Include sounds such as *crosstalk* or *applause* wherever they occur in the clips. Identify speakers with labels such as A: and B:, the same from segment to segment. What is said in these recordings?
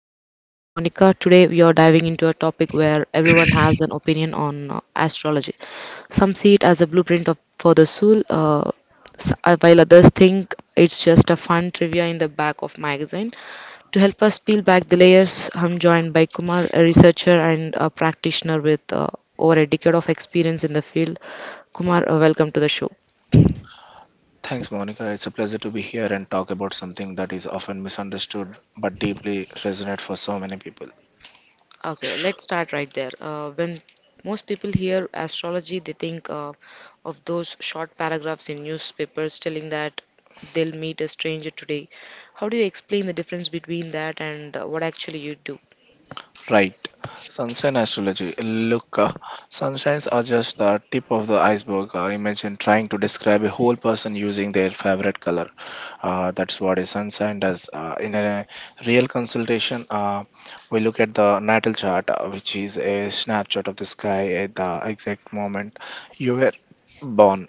A: I'm your host Monica. Today we are diving into a topic where everyone has an opinion on astrology. Some see it as a blueprint for the soul, while others think it's just a fun trivia in the back of magazine. To help us peel back the layers, I'm joined by Kumar, a researcher and a practitioner with over a decade of experience in the field. Kumar, welcome to the show.
B: Thanks, Monica. It's a pleasure to be here and talk about something that is often misunderstood but deeply resonates for so many people.
A: Okay, let's start right there. When most people hear astrology, they think of those short paragraphs in newspapers telling that they'll meet a stranger today. How do you explain the difference between that and what actually you do?
B: Right. Sunshine astrology. Look, sunshines are just the tip of the iceberg. Imagine trying to describe a whole person using their favorite color. That's what a sunshine does. In a real consultation, we look at the natal chart, which is a snapshot of the sky at the exact moment you were born.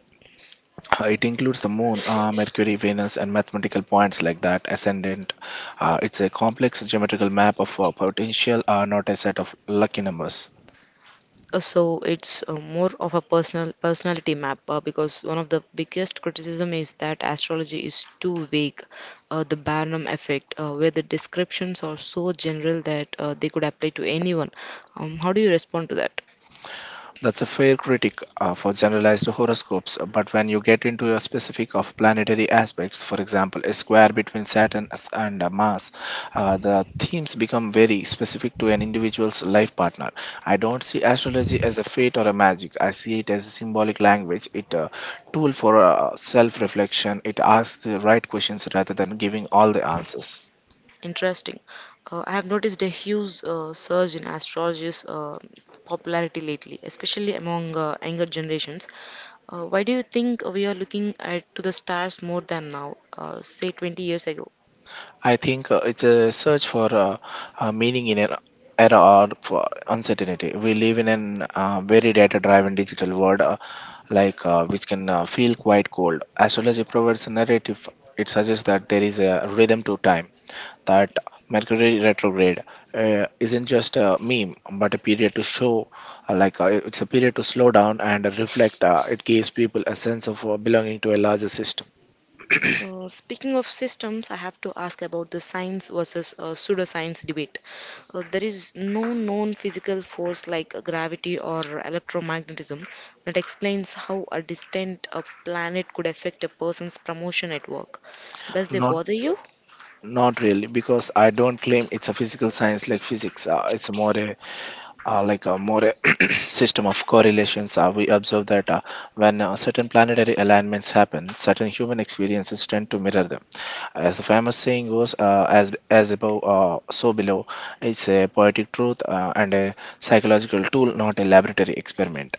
B: It includes the moon, Mercury, Venus, and mathematical points like that, ascendant. It's a complex geometrical map of potential, not a set of lucky numbers.
A: So it's more of a personality map, because one of the biggest criticism is that astrology is too vague. The Barnum effect, where the descriptions are so general that they could apply to anyone. How do you respond to that?
B: That's a fair critic for generalized horoscopes, but when you get into a specific of planetary aspects, for example, a square between Saturn and Mars, the themes become very specific to an individual's life partner. I don't see astrology as a fate or a magic. I see it as a symbolic language. It a tool for self-reflection. It asks the right questions rather than giving all the answers.
A: Interesting. I have noticed a huge surge in astrology's popularity lately, especially among younger generations. Why do you think we are looking at to the stars more than now, say 20 years ago?
B: I think it's a search for meaning in an era of for uncertainty. We live in an very data-driven digital world, which can feel quite cold. Astrology provides a narrative. It suggests that there is a rhythm to time. That Mercury retrograde isn't just a meme, but a period to show, it's a period to slow down and reflect. It gives people a sense of belonging to a larger system,
A: Speaking of systems, I have to ask about the science versus pseudoscience debate. There is no known physical force like gravity or electromagnetism that explains how a distant planet could affect a person's promotion at work. Does they
B: not
A: bother you?
B: not really, because I don't claim it's a physical science like physics. It's more a *clears throat* system of correlations. We observe that when certain planetary alignments happen, certain human experiences tend to mirror them. As the famous saying goes, "As above, so below." It's a poetic truth and a psychological tool, not a laboratory experiment.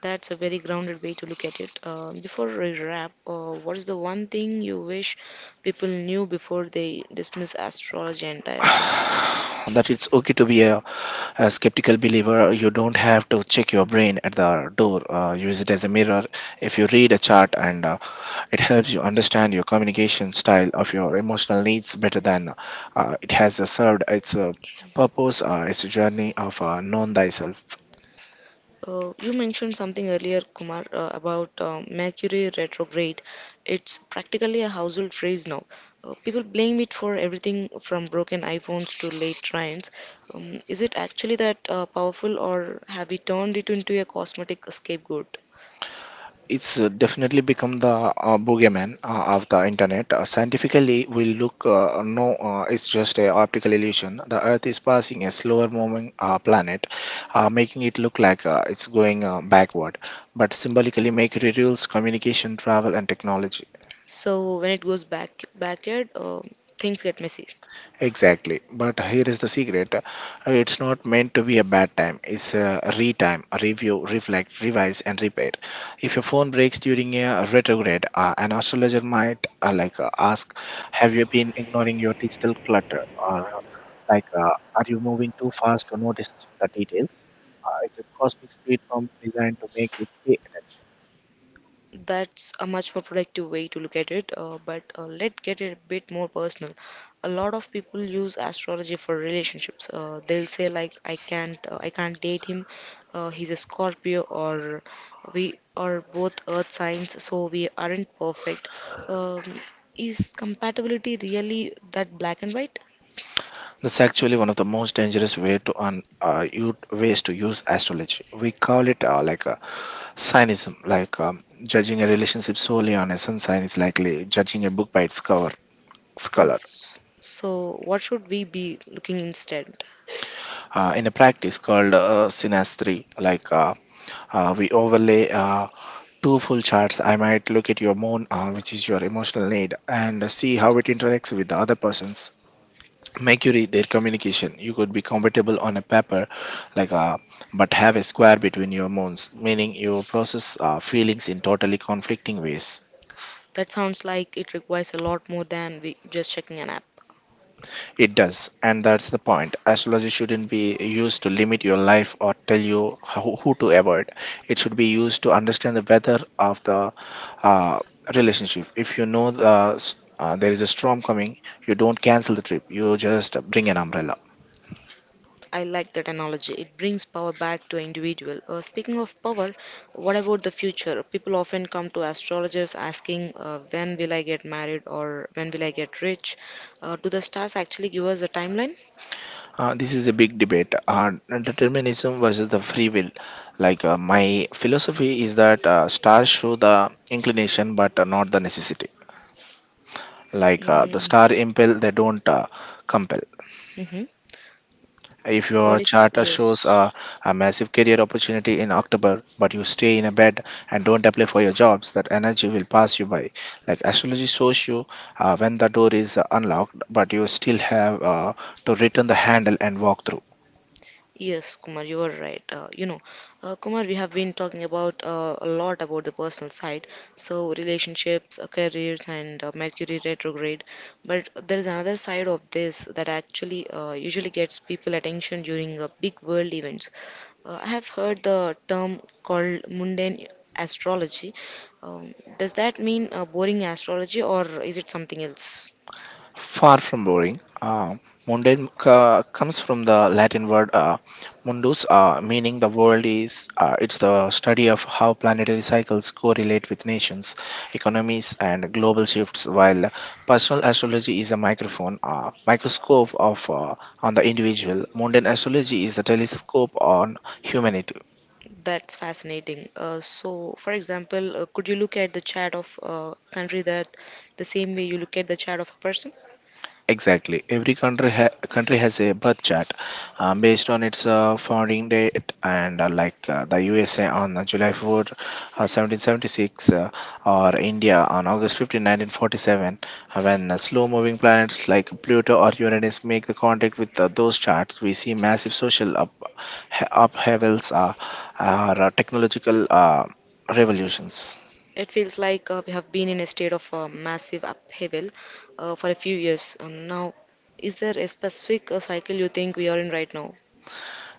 A: That's a very grounded way to look at it. Before we wrap, what is the one thing you wish people knew before they dismiss astrology entirely?
B: That it's okay to be a skeptical believer. You don't have to check your brain at the door. Use it as a mirror. If you read a chart and it helps you understand your communication style of your emotional needs better than it has served its purpose. It's a journey of known thyself.
A: You mentioned something earlier, Kumar, about Mercury retrograde. It's practically a household phrase now. People blame it for everything from broken iPhones to late trains. Is it actually that powerful, or have we turned it into a cosmetic scapegoat?
B: It's definitely become the boogeyman of the internet. Scientifically, we look no, it's just a optical illusion. The Earth is passing a slower moving planet, making it look like it's going backward. But symbolically, Mercury rules communication, travel, and technology.
A: So when it goes back backyard, things get messy.
B: Exactly. But here is the secret. It's not meant to be a bad time. It's a re time, a review, reflect, revise, and repair. If your phone breaks during a retrograde, an astrologer might ask, "Have you been ignoring your digital clutter?" Or like, uh, "Are you moving too fast to notice the details?" It's a cosmic speed bump designed to make you pay attention.
A: That's a much more productive way to look at it, but let's get it a bit more personal. A lot of people use astrology for relationships. They'll say like, I can't date him. He's a Scorpio," or "We are both Earth signs, so we aren't perfect." Um, is compatibility really that black and white?
B: That's actually one of the most dangerous ways to use astrology. We call it like a Cynism, judging a relationship solely on a sun sign, is likely judging a book by its cover. Its
A: Uh,
B: color.
A: s- so, what should we be looking instead?
B: In a practice called synastry, we overlay two full charts. I might look at your moon, which is your emotional need, and see how it interacts with the other person's. Mercury, their communication. You could be compatible on a paper, like uh, but have a square between your moons, meaning you process feelings in totally conflicting ways.
A: That sounds like it requires a lot more than we just checking an app.
B: It does, and that's the point. Astrology shouldn't be used to limit your life or tell you how, who to avoid. It should be used to understand the weather of the uh, relationship. If you know there is a storm coming, you don't cancel the trip, you just bring an umbrella.
A: I like that analogy. It brings power back to individual. Speaking of power, what about the future? People often come to astrologers asking, when will I get married or when will I get rich? Do the stars actually give us a timeline?
B: This is a big debate determinism versus the free will. My philosophy is that stars show the inclination but not the necessity. The
A: Mm-hmm.
B: star impel, they don't compel. If
A: What
B: your
A: if,
B: charter shows
A: yes.
B: a massive career opportunity in October, but you stay in a bed and don't apply for your jobs, that energy will pass you by. Like astrology shows you when the door is unlocked, but you still have to return the handle and walk through.
A: Yes, Kumar, you are right. Kumar, we have been talking about a lot about the personal side, so relationships, careers, and Mercury retrograde. But there is another side of this that actually usually gets people attention during big world events. I have heard the term called mundane astrology. Does that mean boring astrology, or is it something else?
B: Far from boring. Mundane comes from the Latin word mundus, meaning the world is. It's the study of how planetary cycles correlate with nations, economies, and global shifts. While personal astrology is a microscope of on the individual. Mundane astrology is the telescope on humanity.
A: That's fascinating. So, for example, could you look at the chart of a country that the same way you look at the chart of a person?
B: Exactly. Every country has a birth chart based on its founding date, and the USA on July 4, 1776, or India on August 15, 1947, when slow-moving planets like Pluto or Uranus make the contact with those charts, we see massive social up upheavals or technological revolutions.
A: It feels like we have been in a state of massive upheaval for a few years now. Is there a specific cycle you think we are in right now?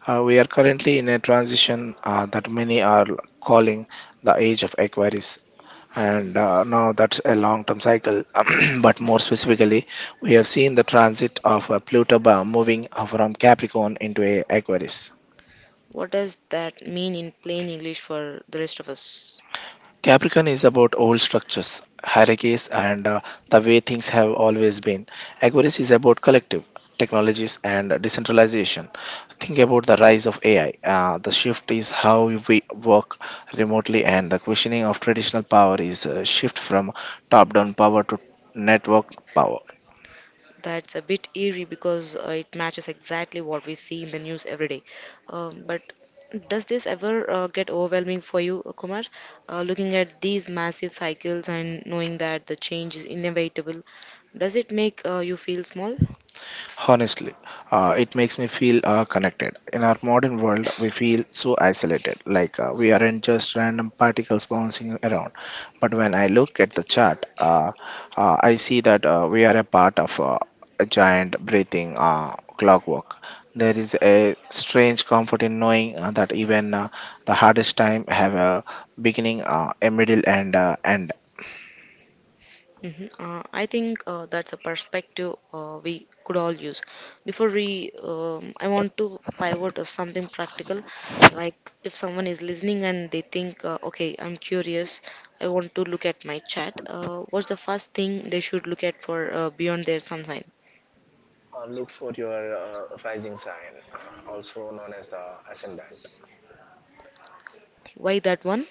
B: We are currently in a transition that many are calling the age of Aquarius. And now that's a long term cycle, *clears throat* but more specifically, we have seen the transit of Pluto moving from Capricorn into a Aquarius.
A: What does that mean in plain English for the rest of us?
B: Capricorn is about old structures, hierarchies, and the way things have always been. Aquarius is about collective technologies and decentralization. Think about the rise of AI. The shift is how we work remotely, and the questioning of traditional power is a shift from top down power to network power.
A: That's a bit eerie because it matches exactly what we see in the news every day. But does this ever get overwhelming for you, Kumar? Looking at these massive cycles and knowing that the change is inevitable, does it make you feel small?
B: Honestly, it makes me feel connected. In our modern world, we feel so isolated, we aren't just random particles bouncing around. But when I look at the chart, I see that we are a part of a giant breathing clockwork. There is a strange comfort in knowing that even the hardest time have a beginning, a middle, and end.
A: Mhm. I think that's a perspective we could all use. I want to pivot to something practical. Like if someone is listening and they think, okay, I'm curious, I want to look at my chat. What's the first thing they should look at for beyond their sun sign?
B: Look for your rising sign, also known as the ascendant.
A: Why that one?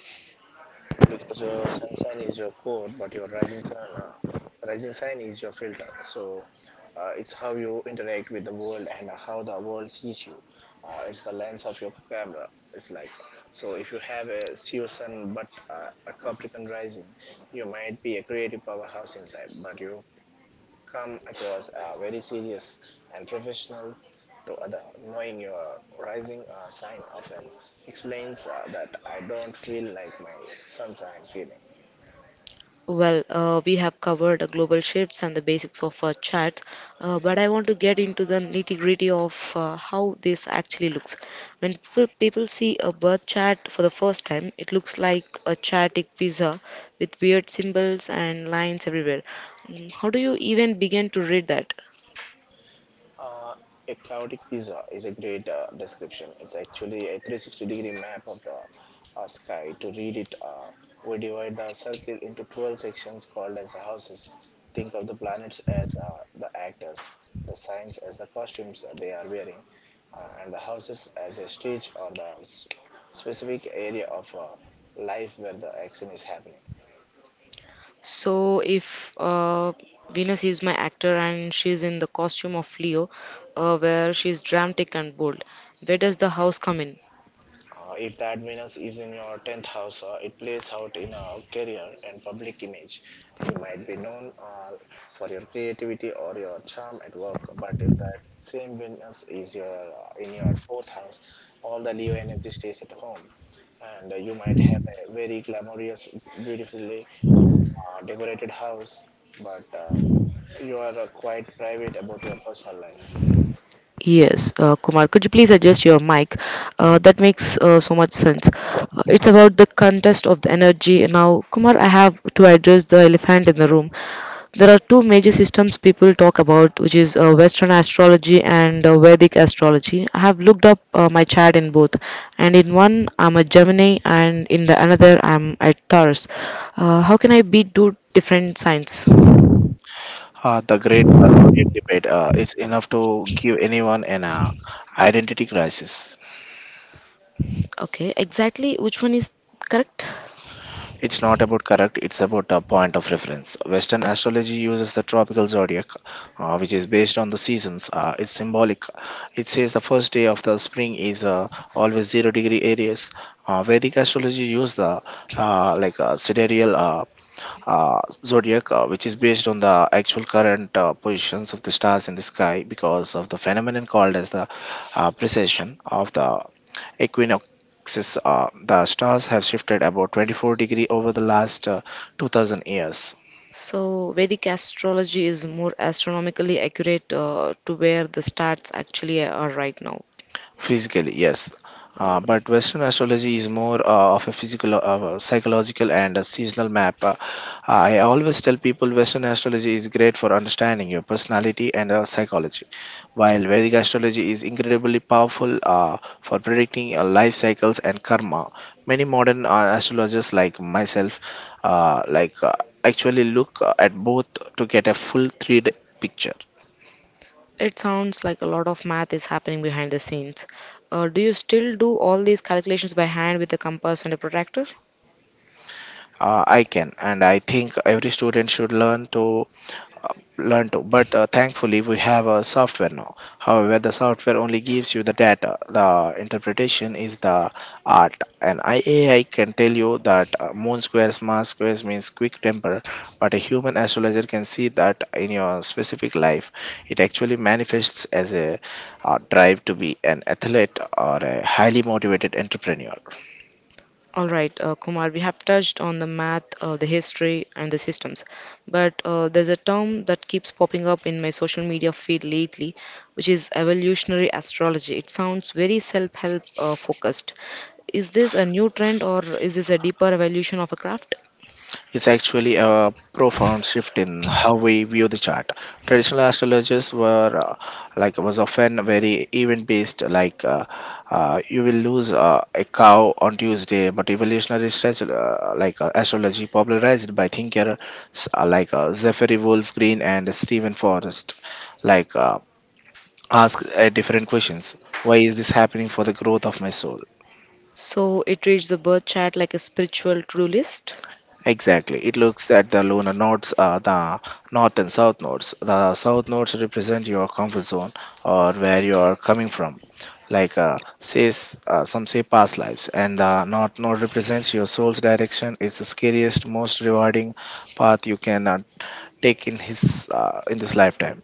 B: Because your sun sign is your core, but your rising sign is your filter. So it's how you interact with the world and how the world sees you. It's the lens of your camera. It's like so if you have a Seo sun but a Capricorn rising, you might be a creative powerhouse inside, but you come across very serious and professional to other. Knowing your rising sign often explains
A: Well, we have covered global shifts and the basics of charts, but I want to get into the nitty-gritty of how this actually looks. When people see a birth chart for the first time, it looks like a chaotic pizza with weird symbols and lines everywhere. How do you even begin to read that? So if Venus is my actor and she's in the costume of Leo, where she's dramatic and bold, where does the house come in? Yes, Kumar, could you please adjust your mic? That makes so much sense. It's about the contest of the energy. Now, Kumar, I have to address the elephant in the room. There are two major systems people talk about, which is Western astrology and Vedic astrology. I have looked up my chart in both, and in one I'm a Gemini, and in the another I'm a Taurus. How can I be two different signs?
B: The great Soviet debate is enough to give anyone an identity crisis.
A: Okay, exactly which one is correct?
B: It's not about correct, it's about a point of reference. Western astrology uses the tropical zodiac, which is based on the seasons. It's symbolic. It says the first day of the spring is always zero degree areas. Vedic astrology uses the sidereal uh, zodiac, which is based on the actual current positions of the stars in the sky because of the phenomenon called as the precession of the equinoxes. The stars have shifted about 24-degree over the last 2000 years.
A: So, Vedic astrology is more astronomically accurate to where the stats actually are right now.
B: Physically, yes.
A: Uh,
B: But Western astrology is more of a physical, psychological, and a seasonal map. I always tell people Western astrology is great for understanding your personality and psychology, while Vedic astrology is incredibly powerful for predicting life cycles and karma. Many modern astrologers, like myself, uh, like uh, actually look at both to get a full 3D picture.
A: it sounds like a lot of math is happening behind the scenes. Do you still do all these calculations by hand with a compass and a protractor?
B: I can, and I think every student should learn to. But thankfully, we have a software now. However, the software only gives you the data. The interpretation is the art. And IAI can tell you that moon squares, Mars squares means quick temper, but a human astrologer can see that in your specific life. It actually manifests as a drive to be an athlete or a highly motivated entrepreneur.
A: All right, Kumar, we have touched on the math, the history, and the systems. But there's a term that keeps popping up in my social media feed lately, which is evolutionary astrology. It sounds very self help focused. Is this a new trend or is this a deeper evolution of a craft?
B: It's actually a profound shift in how we view the chart. Traditional astrologers were was often very event based, you will lose a cow on Tuesday. But evolutionary stretch, like astrology, popularized by thinkers Zachary Wolf Green and Stephen Forrest, like uh, ask different questions. Why is this happening for the growth of my soul?
A: So it treats the birth chart like a spiritual to do list.
B: Exactly. It looks at the lunar nodes, the north and south nodes. The south nodes represent your comfort zone or where you are coming from. Like says Some say past lives, and the north node represents your soul's direction. It's the scariest, most rewarding path you can take in this lifetime.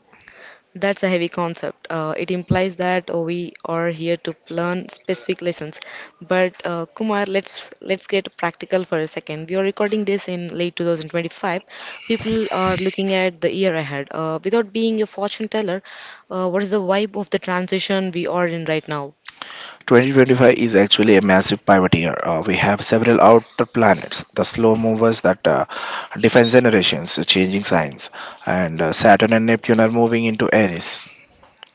A: That's a heavy concept. It implies that we are here to learn specific lessons. But Kumar, let's get practical for a second. We are recording this in late 2025. People are looking at the year ahead. Without being a fortune teller, what is the vibe of the transition we are in right now?
B: 2025 is actually a massive pivot year. We have several outer planets, the slow movers that define generations, changing signs, and Saturn and Neptune are moving into Aries.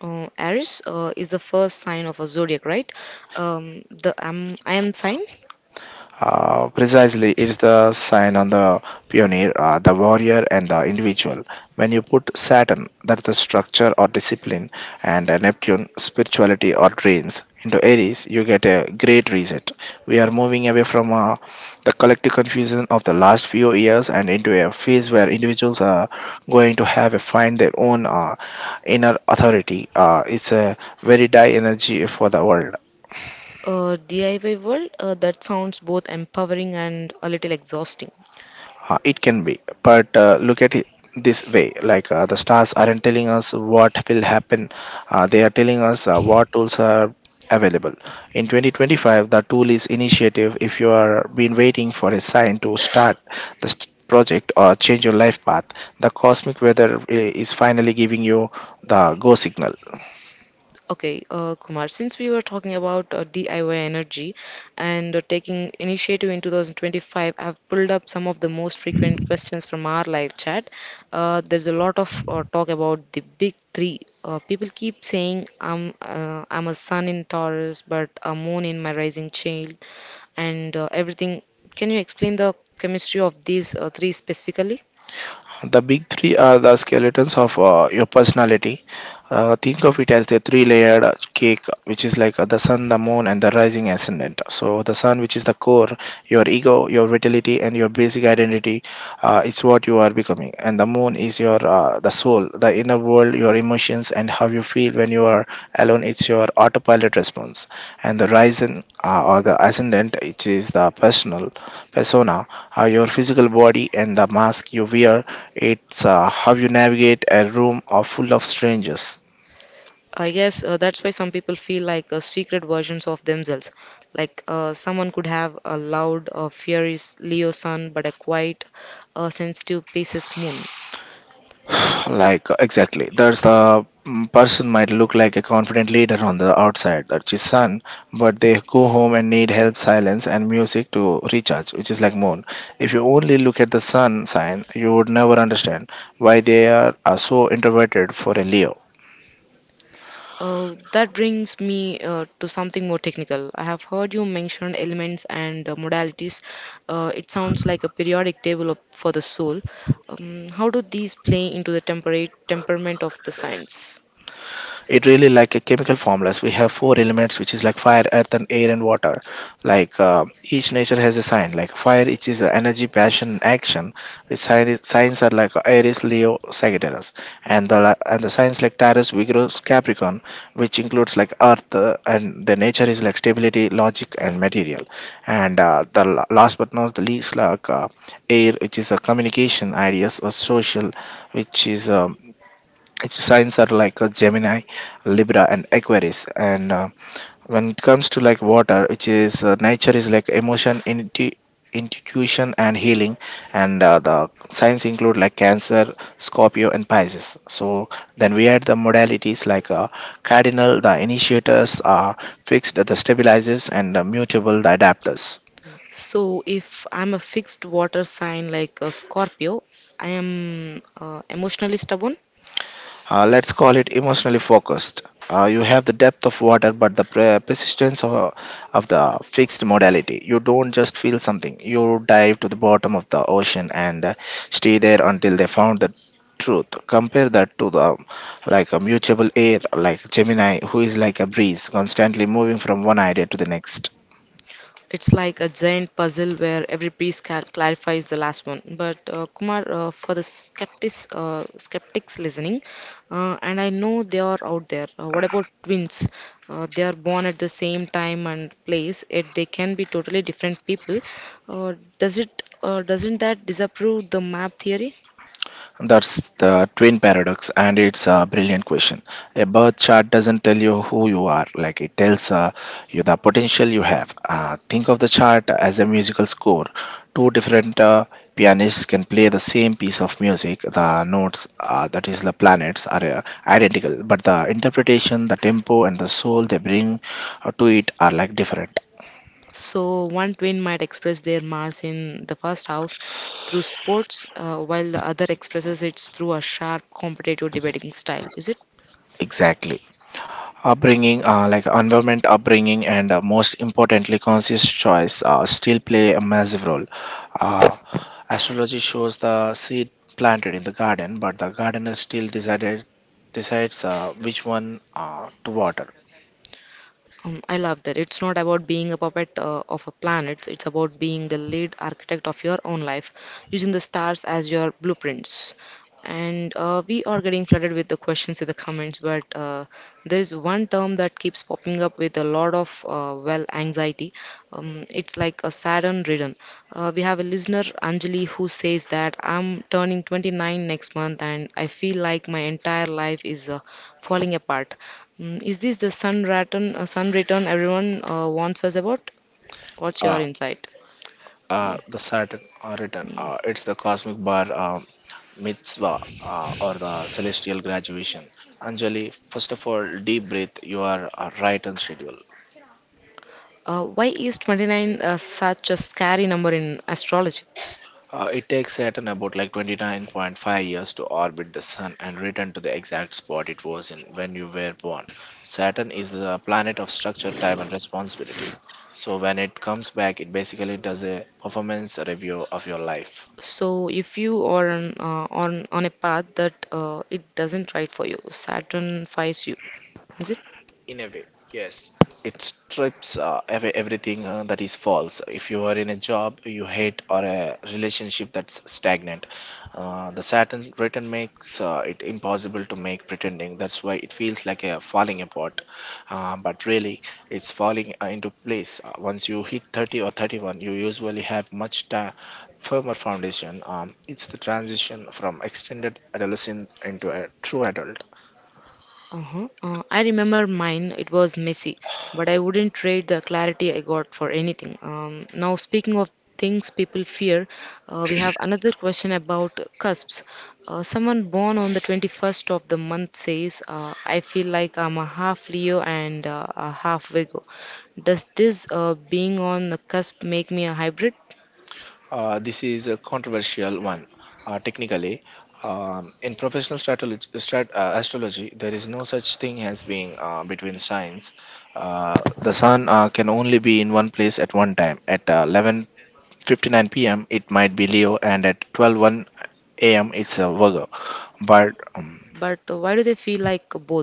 A: Aries is the first sign of a zodiac, right? The I am sign.
B: Precisely, it's the sign on the pioneer, the warrior, and the individual. When you put Saturn, that's the structure or discipline, and Neptune, spirituality or dreams, into Aries, you get a great reset. We are moving away from the collective confusion of the last few years and into a phase where individuals are going to have a find their own inner authority. It's a very die energy for the world.
A: DIY world, that sounds both empowering and a little exhausting.
B: It can be, but look at it this way: the stars aren't telling us what will happen; they are telling us what tools are available. In 2025, the tool is initiative. If you are been waiting for a sign to start project or change your life path, the cosmic weather is finally giving you the go signal.
A: Okay, Kumar, since we were talking about DIY energy and taking initiative in 2025, I've pulled up some of the most frequent questions from our live chat. There's a lot of talk about the big three. People keep saying I'm a sun in Taurus, but a moon in my rising child, and everything. Can you explain the chemistry of these three specifically?
B: The big three are the skeletons of your personality. Think of it as the three layered cake, which is like the sun, the moon, and the rising ascendant. So, the sun, which is the core, your ego, your vitality, and your basic identity, it's what you are becoming. And the moon is your the soul, the inner world, your emotions, and how you feel when you are alone. It's your autopilot response. And the rising or the ascendant, which is the personal persona, your physical body, and the mask you wear, it's how you navigate a room of full of strangers.
A: I guess that's why some people feel like secret versions of themselves. Like someone could have a loud, furious Leo sun, but a quiet, sensitive Pisces moon.
B: *sighs* Exactly, there's person might look like a confident leader on the outside, that's his son, but they go home and need help, silence, and music to recharge, which is like moon. If you only look at the sun sign, you would never understand why they are so introverted for a Leo.
A: That brings me to something more technical. I have heard you mention elements and modalities. It sounds like a periodic table for the soul. How do these play into the temperate temperament of the science?
B: It really like a chemical formulas, we have four elements, which is like fire, earth, and air and water. Each nature has a sign, like fire, which is energy, passion, action, which signs are like Aries, Leo, Sagittarius. And the signs like Taurus, vigorous, Capricorn, which includes like earth, and the nature is like stability, logic, and material. And last but not the least, air, which is a communication, ideas, or social, which is its signs are like a Gemini, Libra, and Aquarius. And when it comes to like water, which is nature is like emotion, intuition, and healing. And the signs include like Cancer, Scorpio, and Pisces. So then we had the modalities like Cardinal, the initiators, fixed, the stabilizers, and mutable, the adapters.
A: So, if I'm a fixed water sign like a Scorpio, I am emotionally stubborn.
B: Let's call it emotionally focused. You have the depth of water, but the persistence of the fixed modality. You don't just feel something, you dive to the bottom of the ocean and stay there until they found the truth. Compare that to the like a mutable air, like Gemini, who is like a breeze, constantly moving from one idea to the next.
A: It's like a giant puzzle where every piece clarifies the last one. But Kumar, for the skeptics listening, and I know they are out there. What about twins? They are born at the same time and place, yet they can be totally different people. Doesn't that disapprove the map theory?
B: That's the twin paradox, and it's a brilliant question. A birth chart doesn't tell you who you are, like it tells you the potential you have. Think of the chart as a musical score. Two different pianists can play the same piece of music. The notes, that is, the planets, are identical, but the interpretation, the tempo, and the soul they bring to it are like different.
A: So, one twin might express their Mars in the first house through sports, while the other expresses it through a sharp, competitive debating style. Is it?
B: Exactly. Upbringing, like environment, upbringing, and most importantly, conscious choice still play a massive role. uh, Astrology shows the seed planted in the garden, but the gardener still decided decides which one to water.
A: I love that. It's not about being a puppet of a planet, it's about being the lead architect of your own life, using the stars as your blueprints. And we are getting flooded with the questions in the comments, but there is one term that keeps popping up with a lot of well anxiety. It's like a saddened rhythm. We have a listener, Anjali, who says that I'm turning 29 next month and I feel like my entire life is falling apart. Is this the sun return everyone wants us about? What's your insight? Mm, mm.
B: Or the celestial graduation, Anjali, first of all, deep breath, you are right on schedule.
A: Why is 29 such a scary number in astrology?
B: It takes Saturn about like 29.5 years to orbit the Sun and return to the exact spot it was in when you were born. Saturn is the planet of structure, time, and responsibility. So when it comes back, it basically does a performance review of your life.
A: So, if you are on, on a path that it doesn't right for you, Saturn finds you. Is it?
B: In a way, it strips away everything that is false. If you are in a job you hate or a relationship that's stagnant, the Saturn return makes it impossible to make pretending. That's why it feels like a falling apart, but really it's falling into place. Once you hit 30 or 31, you usually have firmer foundation. It's the transition from extended adolescence into a true adult.
A: Uh-huh. I remember mine, it was messy, but I wouldn't trade the clarity I got for anything. Now, speaking of things people fear, we have another question about cusps. Someone born on the 21st of the month says, I feel like I'm a half Leo and a half Virgo. Does this being on the cusp make me a hybrid?
B: This is a controversial one. Technically, in professional stratology, astrology, there is no such thing as being between signs. Uh, the sun can only be in one place at one time. At 11:59 p.m., it might be Leo, and at 12:01 a.m. it's a m itself, Virgo, but
A: But why do they feel like both?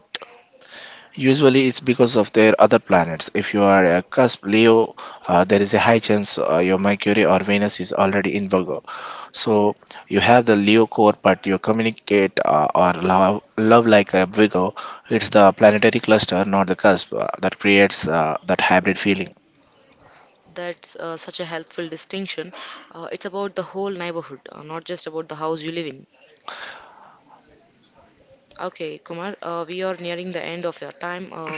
B: usually it's because of their other planets. If you are a cusp Leo, there is a high chance your Mercury or Venus is already in Virgo. So you have the Leo core, but you communicate or love like a Virgo. It's the planetary cluster, not the cusp, that creates that hybrid feeling.
A: That's such a helpful distinction. It's about the whole neighborhood, not just about the house you live in. Okay, Kumar, we are nearing the end of your time.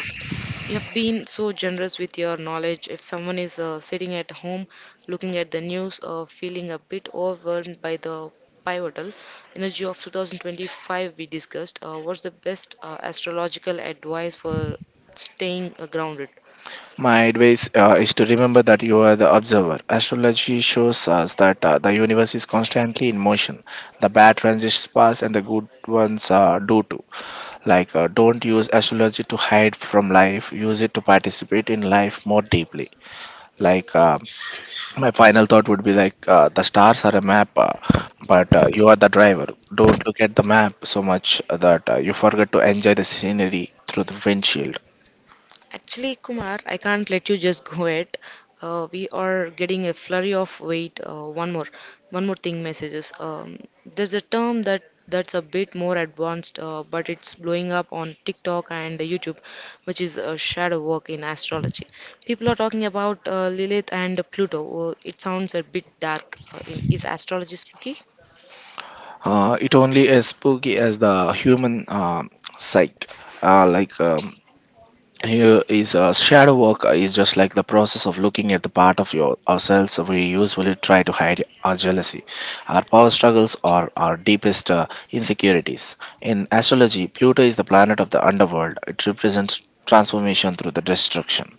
A: You have been so generous with your knowledge. If someone is sitting at home looking at the news, feeling a bit overwhelmed by the pivotal energy of 2025 we discussed, what's the best astrological advice for staying grounded?
B: My advice is to remember that you are the observer. Astrology shows us that the universe is constantly in motion. The bad transitions pass and the good ones do too. Don't use astrology to hide from life, use it to participate in life more deeply. Like, uh, my final thought would be like, the stars are a map, but you are the driver. Don't look at the map so much that you forget to enjoy the scenery through the windshield.
A: Actually, Kumar, I can't let you just go it. We are getting a flurry of wait. One more, one more thing. Messages. There's a term that's a bit more advanced, but it's blowing up on TikTok and YouTube, which is shadow work in astrology. People are talking about Lilith and Pluto. It sounds a bit dark. Is astrology spooky?
B: It only as spooky as the human psyche. Uh, like um, Here is shadow work is just like the process of looking at the part of your ourselves we usually try to hide, our jealousy, our power struggles, or our deepest insecurities. In astrology, Pluto is the planet of the underworld. It represents transformation through the destruction.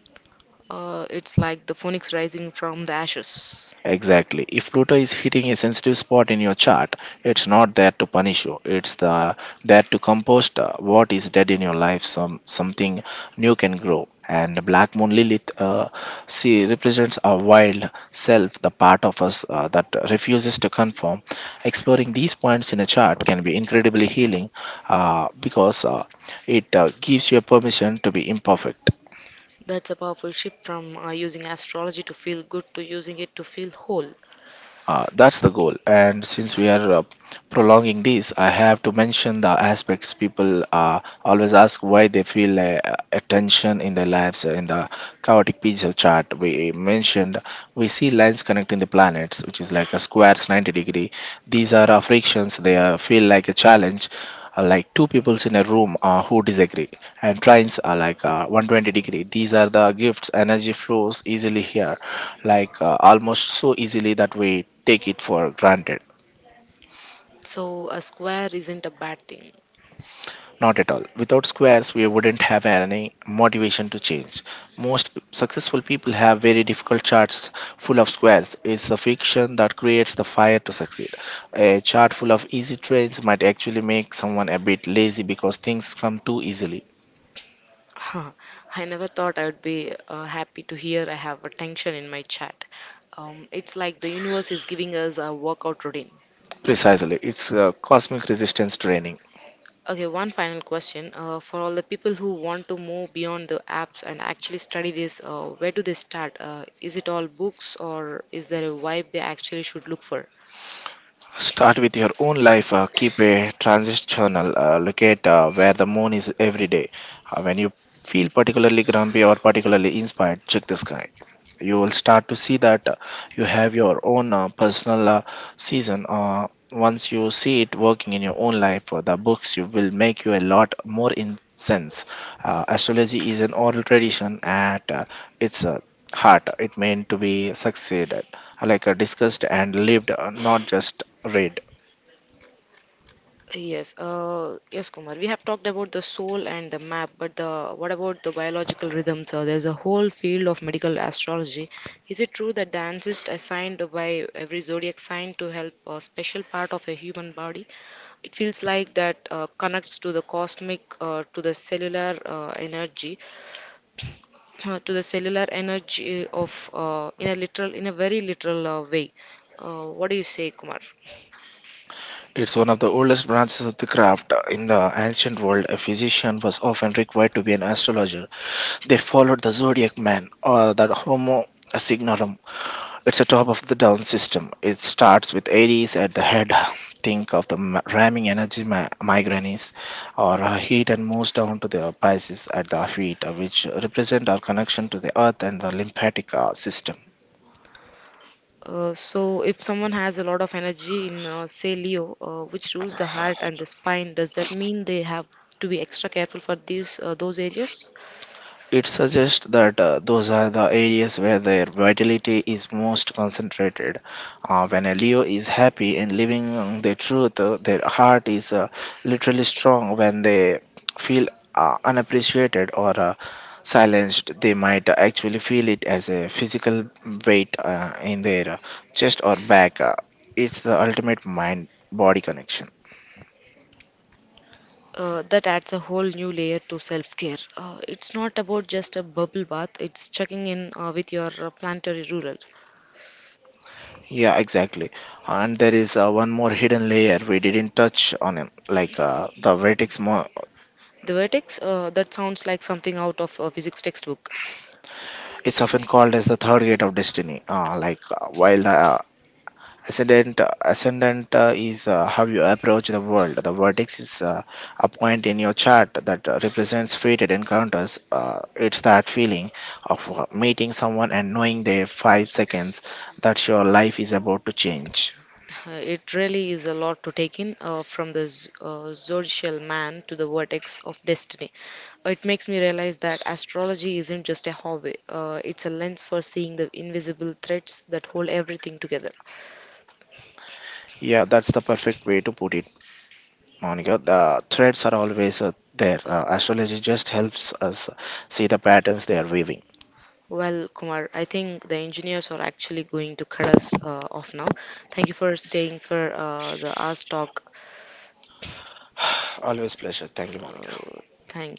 A: It's like the phoenix rising from the ashes.
B: Exactly. If Pluto is hitting a sensitive spot in your chart, it's not there to punish you. It's there to compost what is dead in your life. Something new can grow. And Black Moon Lilith, see, represents our wild self, the part of us that refuses to conform. Exploring these points in a chart can be incredibly healing because it gives you permission to be imperfect.
A: That's a powerful shift from using astrology to feel good to using it to feel whole.
B: That's the goal. And since we are prolonging this, I have to mention the aspects people always ask why they feel attention in their lives. In the chaotic pizza chart we mentioned, we see lines connecting the planets, which is like a squares 90 degree. These are frictions. They feel like a challenge, like two peoples in a room who disagree, and trains are like 120 degree. These are the gifts. Energy flows easily here, almost so easily that we take it for granted.
A: So, a square isn't a bad thing.
B: Not at all. Without squares, we wouldn't have any motivation to change. Successful people have very difficult charts full of squares. It's the fiction that creates the fire to succeed. A chart full of easy trains might actually make someone a bit lazy because things come too easily.
A: Huh. I never thought I would be happy to hear I have a tension in my chat. It's like the universe is giving us a workout routine.
B: Precisely, it's cosmic resistance training.
A: Okay, one final question. For all the people who want to move beyond the apps and actually study this, where do they start? Is it all books or is there a vibe they actually should look for?
B: Start with your own life. Keep a transitional. Look at where the moon is every day. When you feel particularly grumpy or particularly inspired, check the sky. You will start to see that you have your own personal season. Once you see it working in your own life, the books you will make you a lot more in sense. Astrology is an oral tradition at its heart. It meant to be succeeded discussed and lived, not just read.
A: Yes, yes, Kumar. We have talked about the soul and the map, but the what about the biological rhythms? There's a whole field of medical astrology. Is it true that the ancestor assigned by every zodiac sign to help a special part of a human body? It feels like that connects to the cosmic, to the cellular energy, *clears throat* to the cellular energy of in a very literal way. What do you say, Kumar?
B: Required to be an astrologer, they followed the zodiac man or the Homo signorum. It's a top of the down system. It starts with Aries at the head. Think of the ramming energy, migraines or heat, and moves down to the Pisces at the feet, which represent our connection to the earth and the lymphatic system.
A: So, if someone has a lot of energy in, say, Leo, which rules the heart and the spine, does that mean they have to be extra careful for these those areas?
B: It suggests that those are the areas where their vitality is most concentrated. When a Leo is happy and living the truth, their heart is literally strong. When they feel unappreciated or silenced, they might actually feel it as a physical weight in their chest or back. It's the ultimate mind body connection.
A: That adds a whole new layer to self-care. It's not about just a bubble bath; it's checking in with your planetary ruler.
B: Yeah, exactly. And there is one more hidden layer we didn't touch on, it, the vertex.
A: The vertex, that sounds like something out of a physics textbook.
B: It's often called as the third gate of destiny. While the ascendant is how you approach the world, the vertex is a point in your chart that represents fated encounters. It's that feeling of meeting someone and knowing their 5 seconds that your life is about to change.
A: It really is a lot to take in, from the zodiacal man to the vortex of destiny. It makes me realize that astrology isn't just a hobby, it's a lens for seeing the invisible threads that hold everything together.
B: Yeah, way to put it, Monica. The threats are always there. See Vim.
A: Well, Kumar, I think the engineers are actually going to cut us off now. Thank you for staying for the Ask Talk.
B: Olha,
A: Uh, Thank you.